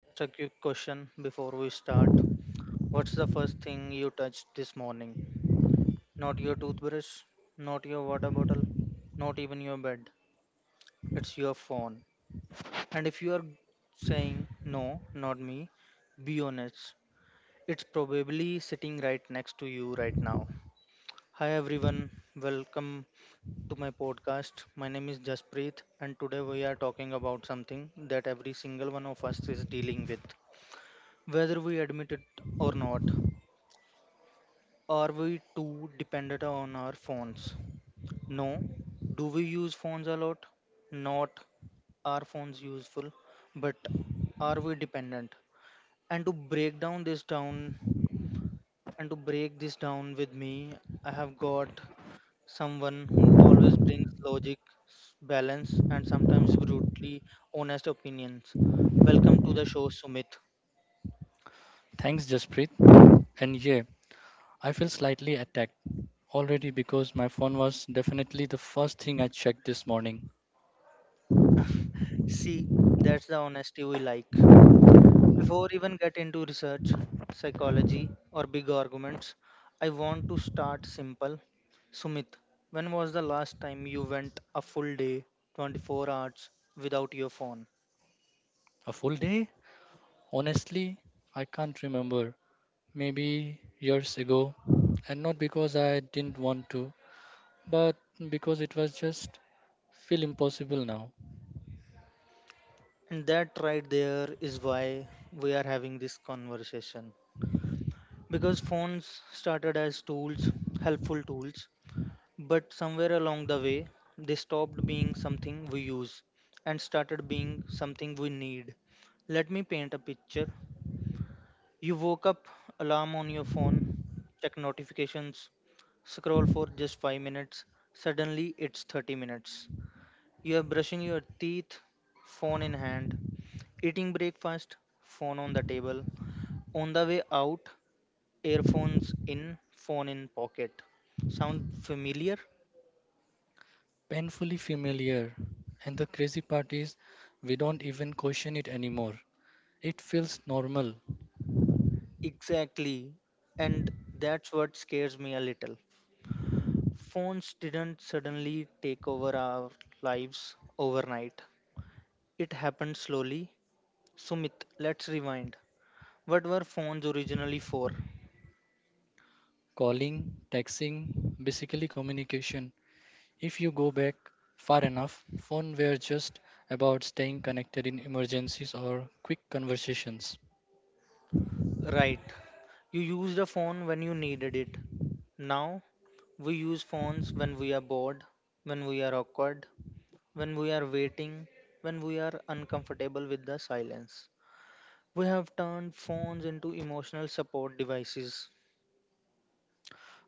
Just a quick question before we start. What's the first thing you touched this morning? Not your toothbrush, not your water bottle, not even your bed. It's your phone. And if you are saying no, not me, be honest. It's probably sitting right next to you right now. Hi everyone. Welcome to my podcast. My name is Jaspreet, and today we are talking about something that every single one of us is dealing with, whether we admit it or not. Are we too dependent on our phones? No. Do we use phones a lot? Not. Are phones useful? But are we dependent? And to break down this down and to break this down with me, I have got someone who always brings logic, balance, and sometimes brutally honest opinions. Welcome to the show, Sumit. Thanks, Jaspreet. And yeah, I feel slightly attacked already because my phone was definitely the first thing I checked this morning. See, that's the honesty we like. Before even get into research, psychology or big arguments, I want to start simple. Sumit, when was the last time you went a full day, 24 hours without your phone? A full day? Honestly, I can't remember. Maybe years ago. And not because I didn't want to, but because it was just feel impossible now. And that right there is why we are having this conversation. Because phones started as tools, helpful tools, but somewhere along the way, they stopped being something we use and started being something we need. Let me paint a picture. You woke up, alarm on your phone, check notifications, scroll for just 5 minutes, suddenly it's 30 minutes. You are brushing your teeth, phone in hand, eating breakfast, phone on the table, on the way out, earphones in, phone in pocket. Sound familiar? Painfully familiar. And the crazy part is, we don't even question it anymore. It feels normal. Exactly. And that's what scares me a little. Phones didn't suddenly take over our lives overnight. It happened slowly. Sumit, let's rewind. What were phones originally for? Calling, texting, basically communication. If you go back far enough, phones were just about staying connected in emergencies or quick conversations. Right. You used a phone when you needed it. Now, we use phones when we are bored, when we are awkward, when we are waiting, when we are uncomfortable with the silence. We have turned phones into emotional support devices.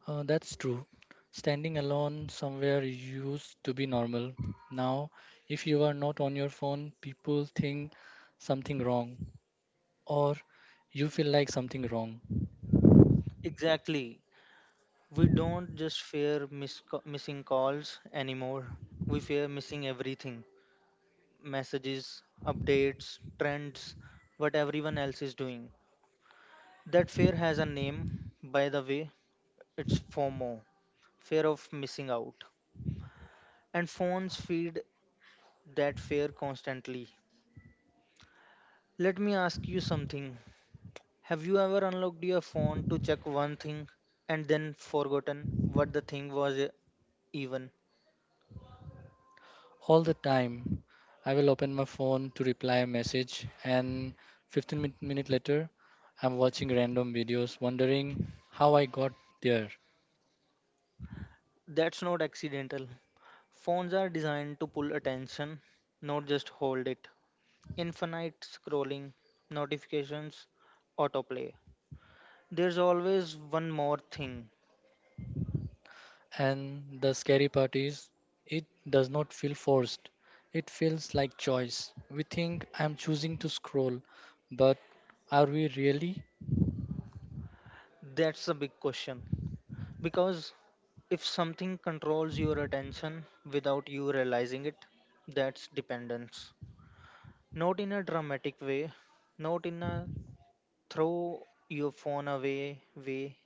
That's true. Standing alone somewhere used to be normal. Now, if you are not on your phone, people think something wrong or you feel like something wrong. Exactly. We don't just fear missing calls anymore, we fear missing everything. Messages, updates, trends, what everyone else is doing. That fear has a name, by the way, it's FOMO, fear of missing out. And phones feed that fear constantly. Let me ask you something. Have you ever unlocked your phone to check one thing and then forgotten what the thing was even? All the time, I will open my phone to reply a message, and 15 minutes later, I'm watching random videos wondering how I got there. That's not accidental. Phones are designed to pull attention, not just hold it. Infinite scrolling, notifications, autoplay. There's always one more thing. And the scary part is, it does not feel forced. It feels like choice. We think I'm choosing to scroll, but are we really? That's the big question. Because if something controls your attention without you realizing it, that's dependence. Not in a dramatic way, not in a throw your phone away way,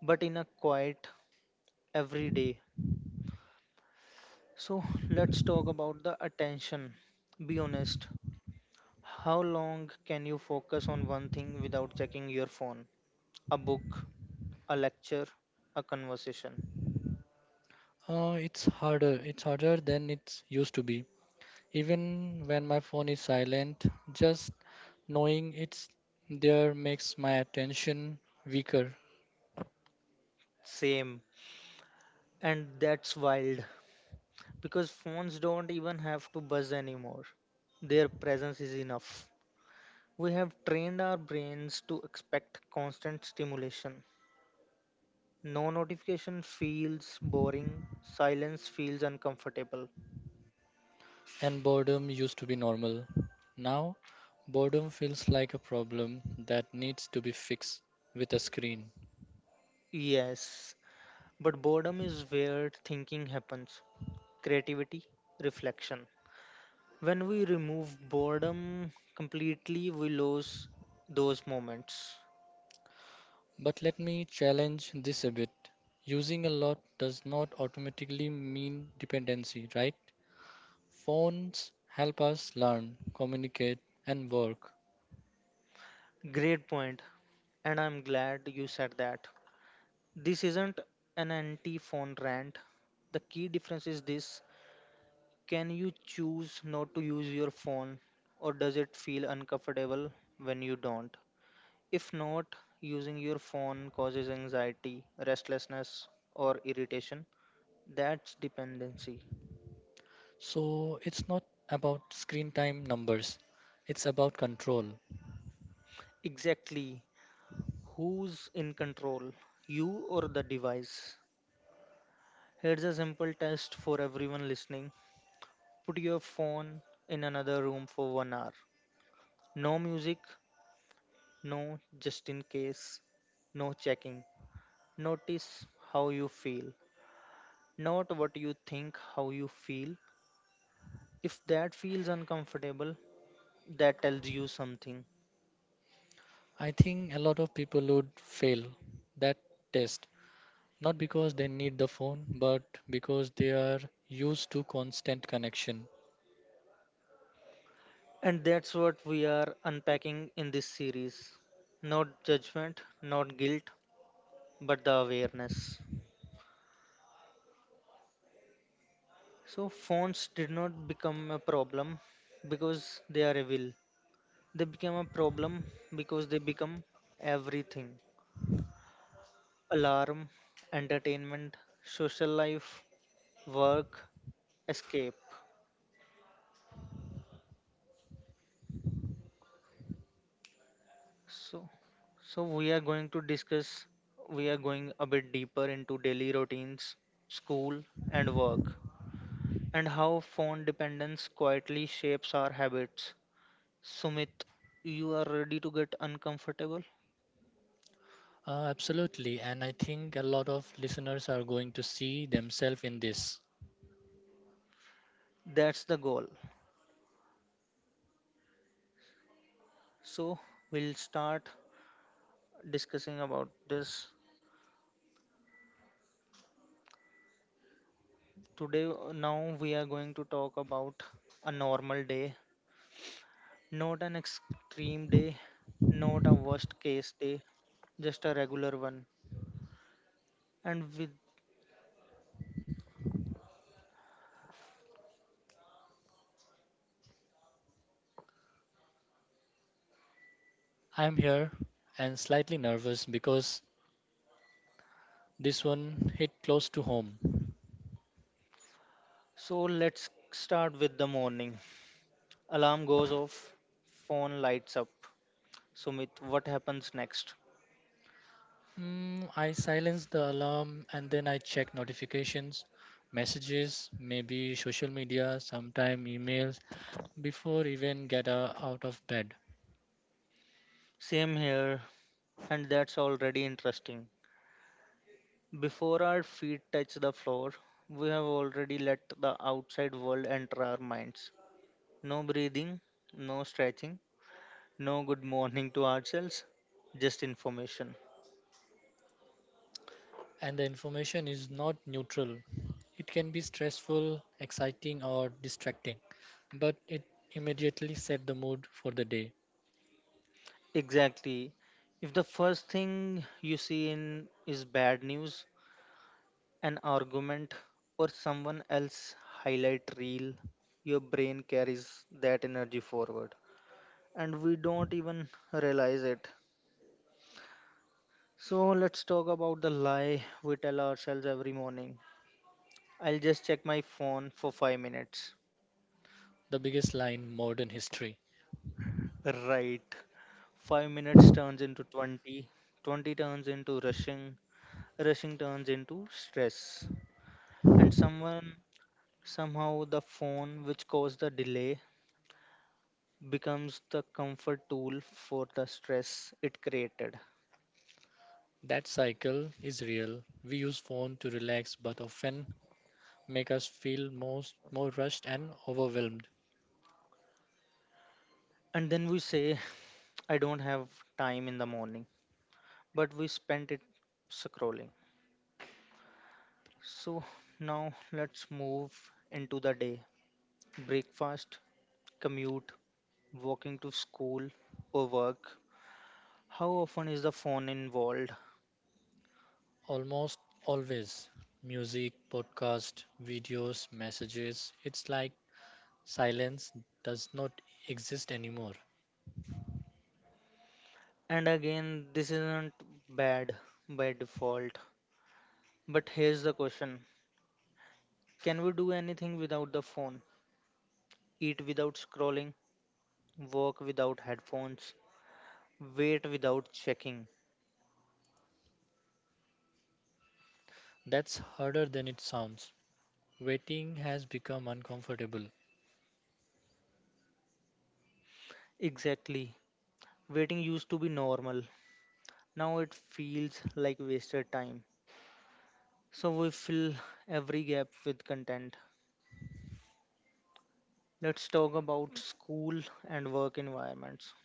but in a quiet, everyday. So let's talk about the attention. Be honest, how long can you focus on one thing without checking your phone? A book, a lecture, a conversation. It's harder. It's harder than it used to be. Even when my phone is silent, just knowing it's there makes my attention weaker. Same. And that's wild because phones don't even have to buzz anymore. Their presence is enough. We have trained our brains to expect constant stimulation. No notification feels boring, silence feels uncomfortable. And boredom used to be normal. Now, boredom feels like a problem that needs to be fixed with a screen. Yes, but boredom is where thinking happens, creativity, reflection. When we remove boredom completely, we lose those moments. But let me challenge this a bit. Using a lot does not automatically mean dependency, right? Phones help us learn, communicate, and work. Great point, and I'm glad you said that. This isn't an anti phone rant. The key difference is this, can you choose not to use your phone, or does it feel uncomfortable when you don't? If not, using your phone causes anxiety, restlessness, or irritation. That's dependency. So it's not about screen time numbers, it's about control. Exactly. Who's in control, you or the device? Here's a simple test for everyone listening. Put your phone in another room for 1 hour. No music, no just in case, no checking. Notice how you feel, not what you think, how you feel. If that feels uncomfortable, that tells you something. I think a lot of people would fail that test, not because they need the phone, but because they are used to constant connection. And that's what we are unpacking in this series. Not judgment, not guilt, but the awareness. So phones did not become a problem because they are evil. They became a problem because they become everything. Alarm, entertainment, social life, work, escape. So so we are going a bit deeper into daily routines, school and work, and how phone dependence quietly shapes our habits. Sumit, you are ready to get uncomfortable? Absolutely, and I think a lot of listeners are going to see themselves in this. That's the goal. So we'll start discussing about this. Today now we are going to talk about a normal day, not an extreme day, not a worst case day, just a regular one. And with I'm here and slightly nervous because this one hit close to home. So let's start with the morning. Alarm goes off, phone lights up. Sumit, what happens next? Mm, I silenced the alarm and then I checked notifications, messages, maybe social media, sometime emails before even get out of bed. Same here, and that's already interesting. Before our feet touch the floor, we have already let the outside world enter our minds. No breathing, no stretching, no good morning to ourselves, just information. And the information is not neutral. It can be stressful, exciting or distracting, but it immediately set the mood for the day. Exactly. If the first thing you see in is bad news, an argument, or someone else highlight reel, your brain carries that energy forward, and we don't even realize it. So let's talk about the lie we tell ourselves every morning. I'll just check my phone for 5 minutes. The biggest lie in modern history. Right. 5 minutes turns into 20. 20 turns into rushing. Rushing turns into stress. And someone, somehow, the phone which caused the delay becomes the comfort tool for the stress it created. That cycle is real. We use phone to relax but often make us feel most more rushed and overwhelmed. And then we say, I don't have time in the morning. But we spent it scrolling. So now let's move into the day. Breakfast, commute, walking to school or work. How often is the phone involved? Almost always. Music, podcast, videos, messages. It's like silence does not exist anymore. And again, this isn't bad by default. But here's the question, can we do anything without the phone? Eat without scrolling, walk without headphones, wait without checking. That's harder than it sounds. Waiting has become uncomfortable. Exactly. Waiting used to be normal. Now it feels like wasted time. So we fill every gap with content. Let's talk about school and work environments.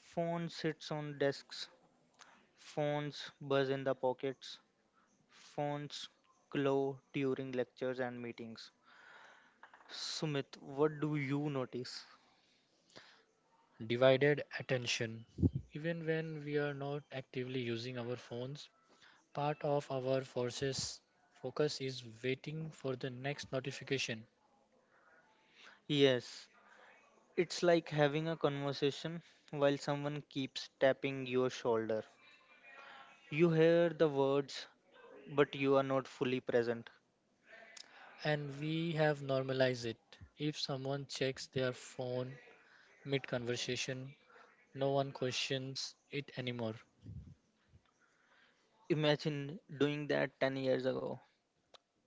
Phone sits on desks, phones buzz in the pockets, phones glow during lectures and meetings. Sumit, what do you notice? Divided attention. Even when we are not actively using our phones, part of our forces focus is waiting for the next notification, Yes, it's like having a conversation while someone keeps tapping your shoulder. You hear the words, but you are not fully present. and we have normalized it. If someone checks their phone mid conversation, no one questions it anymore. Imagine doing that 10 years ago.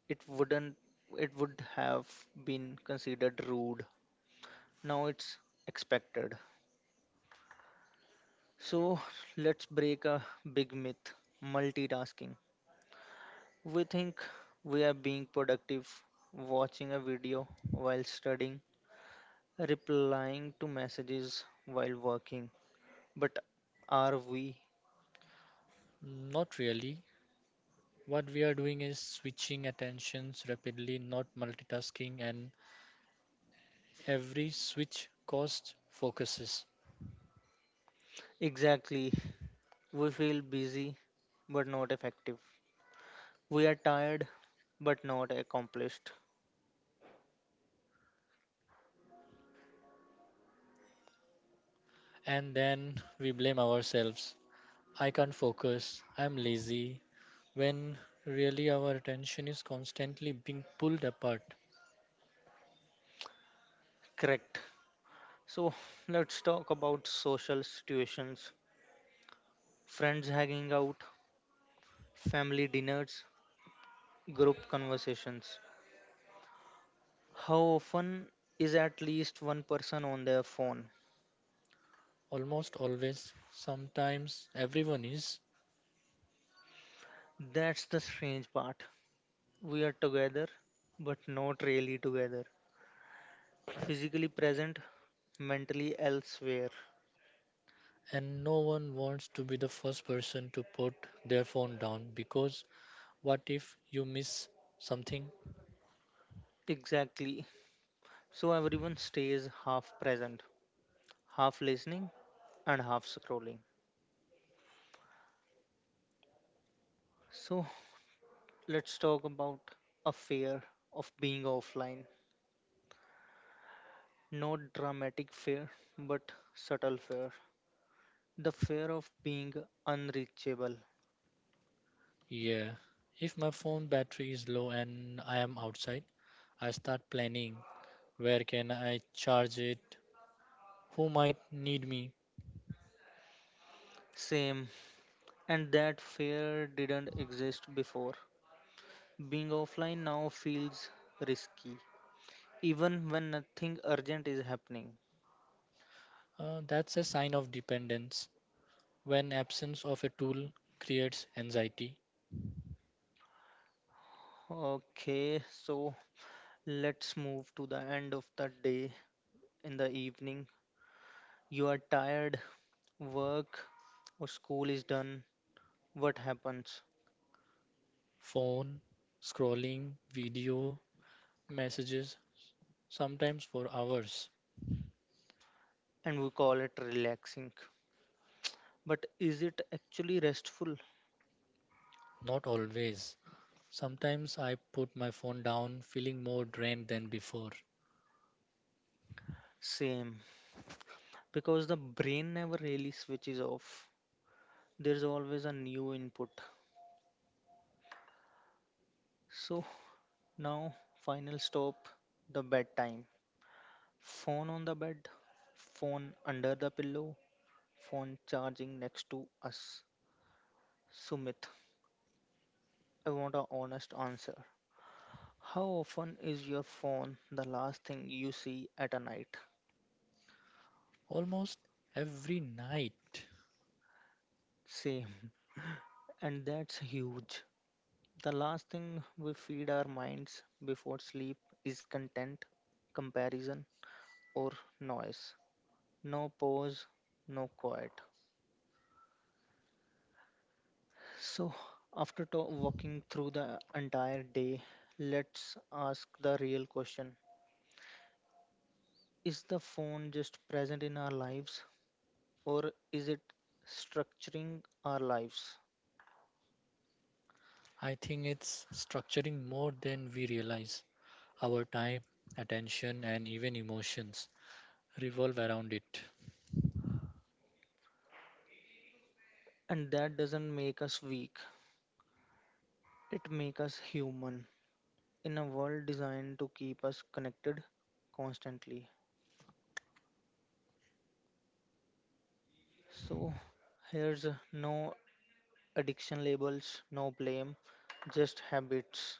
It wouldn't It would have been considered rude, now it's expected. So let's break a big myth, multitasking. We think we are being productive, watching a video while studying, replying to messages while working, but are we? Not really. What we are doing is switching attentions rapidly, not multitasking, and every switch costs focuses. Exactly, we feel busy but not effective, we are tired but not accomplished. And then we blame ourselves. I can't focus, I'm lazy, when really our attention is constantly being pulled apart. Correct. So let's talk about social situations, friends hanging out, family dinners, group conversations. How often is at least one person on their phone? Almost always, sometimes everyone is, That's the strange part. We are together, but not really together. Physically present, mentally elsewhere. and no one wants to be the first person to put their phone down because what if you miss something? Exactly. So everyone stays half present, half listening, and half scrolling. So let's talk about a fear of being offline. Not dramatic fear, but subtle fear. The fear of being unreachable. Yeah. If my phone battery is low and I am outside, I start planning where can I charge it? Who might need me? Same. And that fear didn't exist before. Being offline now feels risky, even when nothing urgent is happening. That's a sign of dependence when absence of a tool creates anxiety Okay, so let's move to the end of the day, in the evening. You are tired, work or school is done. What happens? phone, scrolling, video, messages, sometimes for hours, And we call it relaxing. But is it actually restful? not always. Sometimes I put my phone down feeling more drained than before. Same, because the brain never really switches off. There's always a new input. So now, final stop, the bedtime. Phone on the bed, phone under the pillow, phone charging next to us. Sumit, I want an honest answer. How often is your phone the last thing you see at a night? Almost every night. Same, and that's huge. The last thing we feed our minds before sleep is content, comparison, or noise. No pause, no quiet. So, after walking through the entire day, let's ask the real question, is the phone just present in our lives, or is it structuring our lives? I think it's structuring more than we realize. Our time, attention, and even emotions revolve around it. And that doesn't make us weak, it makes us human in a world designed to keep us connected constantly. So, here's no addiction labels, no blame, just habits.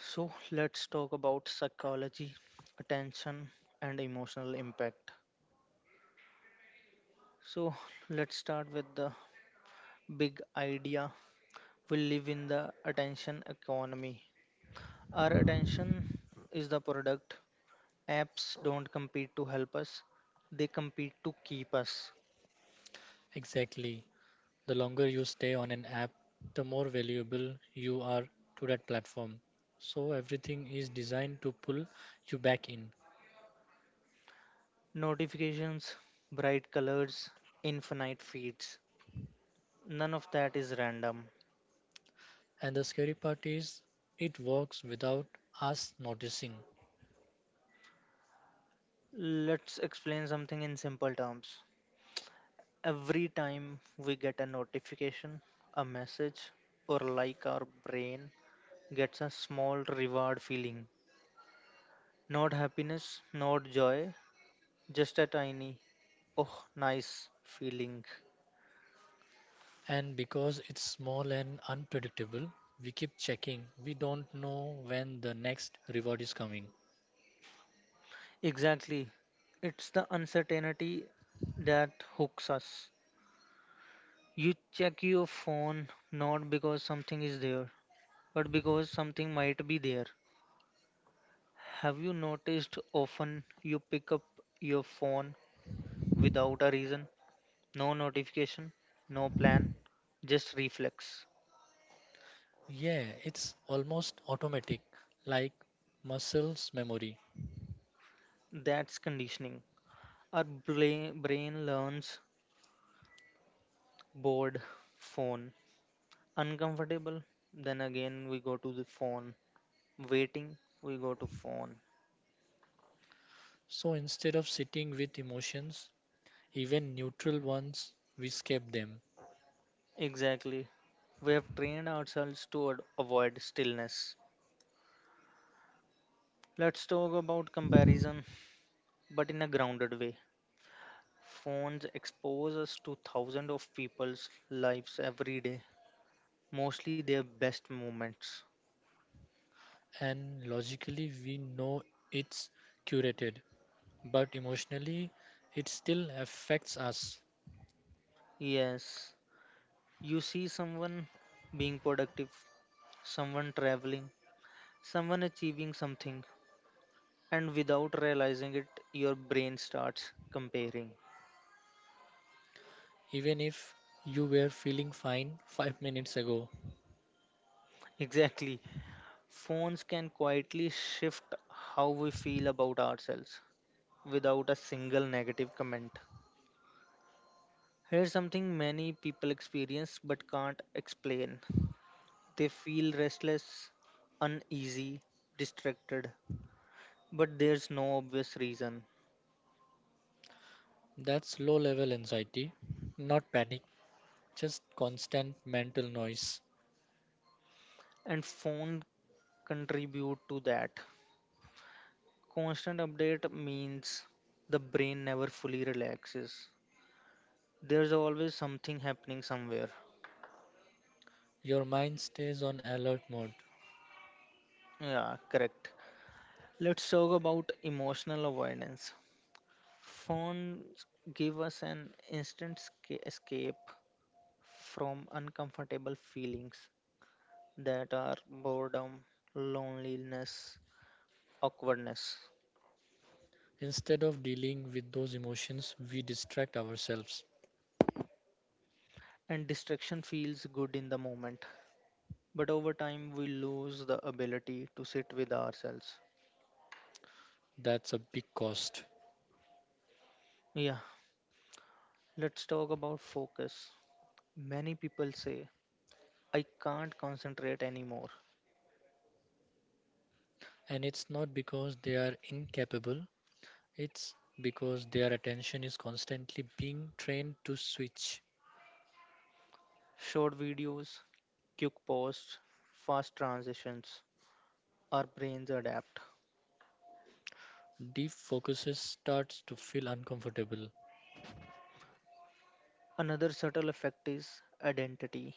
So let's talk about psychology, attention, and emotional impact. So let's start with the big idea. We live in the attention economy. Our attention is the product. Apps don't compete to help us, they compete to keep us. Exactly. The longer you stay on an app, the more valuable you are to that platform. So everything is designed to pull you back in. Notifications, bright colors, infinite feeds. None of that is random. And the scary part is it works without us noticing. Let's explain something in simple terms. Every time we get a notification, a message, or like, our brain gets a small reward feeling. Not happiness, not joy, just a tiny, oh, nice feeling. And because it's small and unpredictable, we keep checking. We don't know when the next reward is coming. Exactly. It's the uncertainty that hooks us. You check your phone not because something is there, but because something might be there. Have you noticed often you pick up your phone without a reason? No notification, no plan, just reflex. Yeah, it's almost automatic, like muscles memory. That's conditioning. Our brain learns bored, phone, uncomfortable, then again we go to the phone, waiting, we go to phone. So instead of sitting with emotions, even neutral ones, we escape them. Exactly. We have trained ourselves to avoid stillness. Let's talk about comparison, but in a grounded way. Phones expose us to thousands of people's lives every day, mostly their best moments. And logically we know it's curated, but emotionally it still affects us, Yes, you see someone being productive, someone traveling, someone achieving something, and without realizing it, your brain starts comparing. even if you were feeling fine 5 minutes ago. Exactly, phones can quietly shift how we feel about ourselves without a single negative comment. Here's something many people experience but can't explain. They feel restless, uneasy, distracted, but there's no obvious reason. That's low level anxiety, not panic, just constant mental noise. And phone contribute to that. Constant update means the brain never fully relaxes. There's always something happening somewhere. Your mind stays on alert mode. Yeah, correct. Let's talk about emotional avoidance. Phones give us an instant escape from uncomfortable feelings that are boredom, loneliness, awkwardness, Instead of dealing with those emotions, we distract ourselves. and distraction feels good in the moment. But over time, we lose the ability to sit with ourselves. That's a big cost. Yeah, let's talk about focus. Many people say, I can't concentrate anymore. And it's not because they are incapable, it's because their attention is constantly being trained to switch. Short videos, quick posts, fast transitions, our brains adapt. Deep focuses starts to feel uncomfortable, Another subtle effect is identity.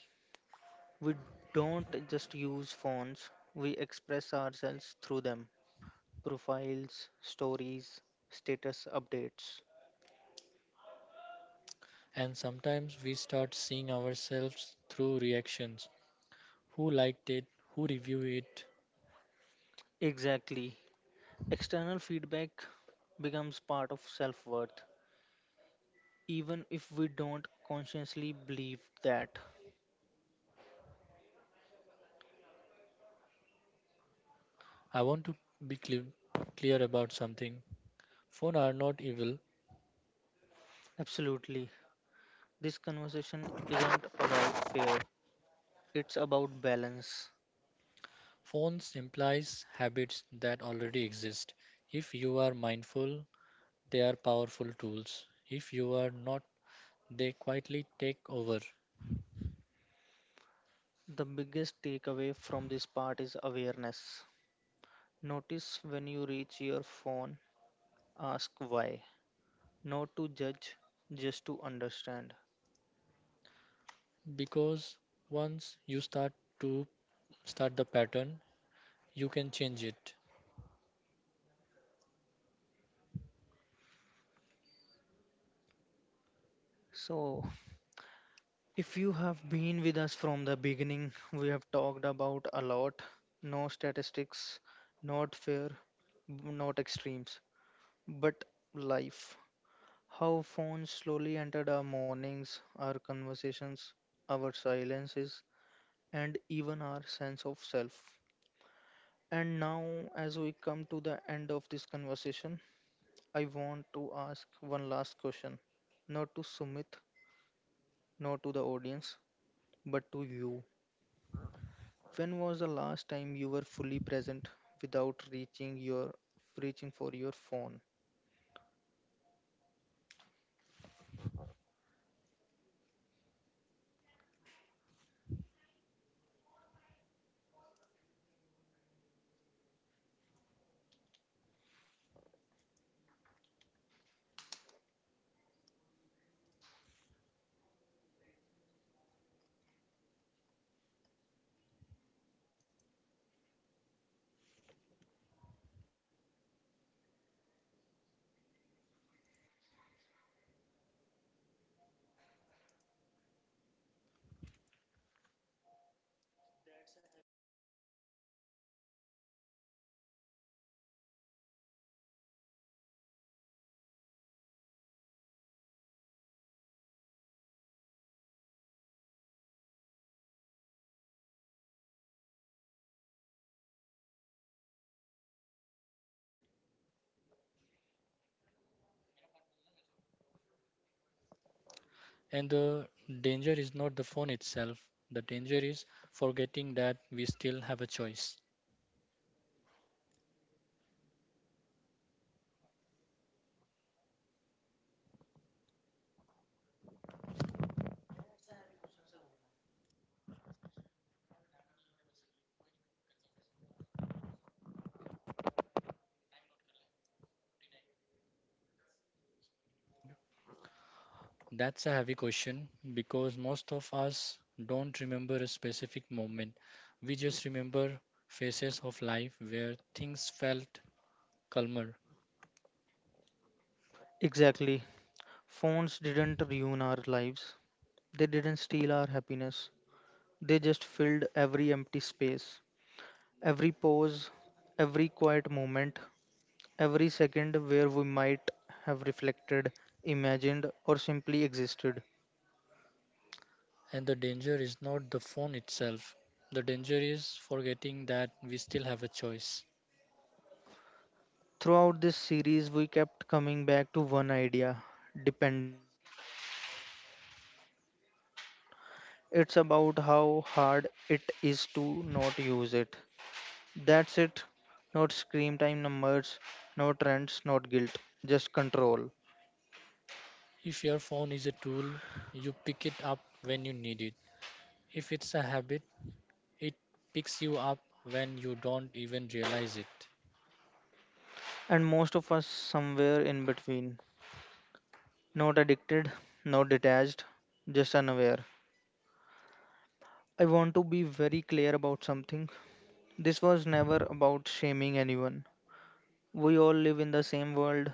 We don't just use phones, we express ourselves through them, profiles, stories, status updates. and sometimes we start seeing ourselves through reactions. Who liked it? Who reviewed it? Exactly. External feedback becomes part of self worth, even if we don't consciously believe that. I want to be clear about something. Phones are not evil. Absolutely. This conversation isn't about fear, it's about balance. Phones implies habits that already exist. If you are mindful, they are powerful tools. If you are not, they quietly take over. The biggest takeaway from this part is awareness. Notice when you reach your phone, ask why. Not to judge, just to understand. Because once you to start the pattern you can change it. So, if you have been with us from the beginning, we have talked about a lot. No statistics, not fair, not extremes, but life. How phones slowly entered our mornings, our conversations, our silences, and even our sense of self. And now, as we come to the end of this conversation, I want to ask one last question. Not to Sumit, not to the audience, but to you. When was the last time you were fully present without reaching for your phone? And the danger is not the phone itself, the danger is forgetting that we still have a choice. That's a heavy question because most of us don't remember a specific moment, we just remember phases of life where things felt calmer. Exactly. Phones didn't ruin our lives. They didn't steal our happiness. They just filled every empty space, every pause, every quiet moment, every second where we might have reflected, imagined, or simply existed. And the danger is not the phone itself, the danger is forgetting that we still have a choice. Throughout this series, we kept coming back to one idea. Dependency isn't about how much you use your phone, it's about how hard it is to not use it. That's it. Not screen time numbers, no trends, not guilt, just control. If your phone is a tool, you pick it up when you need it. If it's a habit, it picks you up when you don't even realize it. And most of us somewhere in between. Not addicted, not detached, just unaware. I want to be very clear about something. This was never about shaming anyone. We all live in the same world.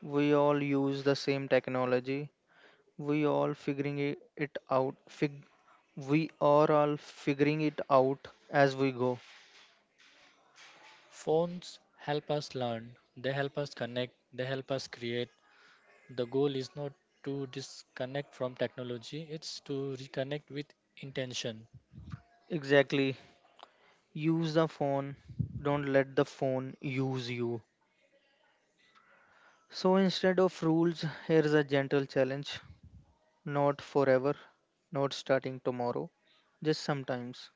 We all use the same technology. We all figuring i- it out. Fig- we are all figuring it out as we go. Phones help us learn, they help us connect, they help us create. The goal is not to disconnect from technology, it's to reconnect with intention. Exactly. Use the phone. Don't let the phone use you. So instead of rules, here's a gentle challenge. Not forever, not starting tomorrow, just sometimes.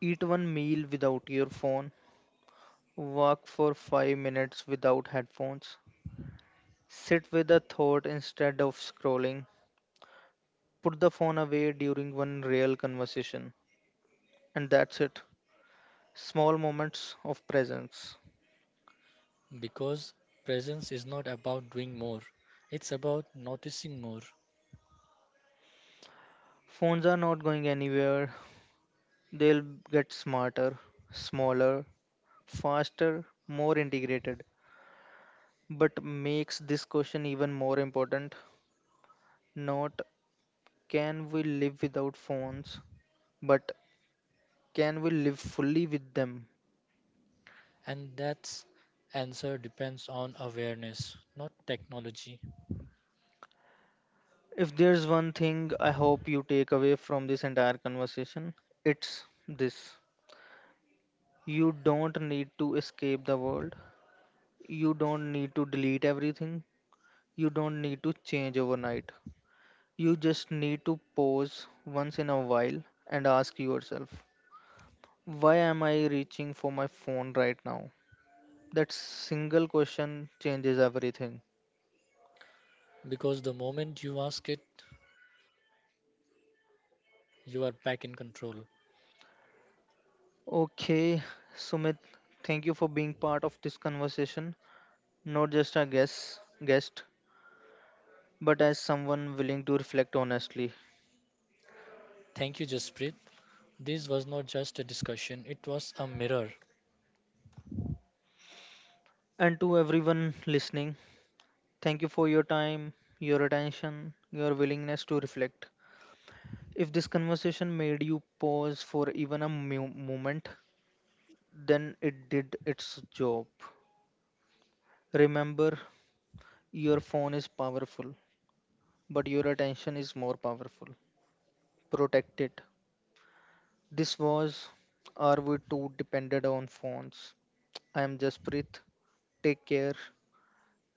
Eat one meal without your phone. Walk for 5 minutes without headphones. Sit with a thought instead of scrolling. Put the phone away during one real conversation. And that's it. Small moments of presence. Because presence is not about doing more, it's about noticing more. Phones are not going anywhere. They'll get smarter, smaller, faster, more integrated. But makes this question even more important. Not, can we live without phones, but can we live fully with them? And that's answer depends on awareness, not technology. If there's one thing I hope you take away from this entire conversation, it's this. You don't need to escape the world. You don't need to delete everything. You don't need to change overnight. You just need to pause once in a while and ask yourself, why am I reaching for my phone right now? That single question changes everything. Because the moment you ask it, you are back in control. Okay, Sumit, thank you for being part of this conversation, not just a guest, but as someone willing to reflect honestly. Thank you, Jasprit. This was not just a discussion, it was a mirror. And to everyone listening, thank you for your time, your attention, your willingness to reflect. If this conversation made you pause for even a moment, then it did its job. Remember, your phone is powerful, but your attention is more powerful. Protect it. This was Are We Too Dependent on Phones? I am Jasprit. Take care.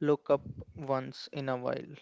Look up once in a while.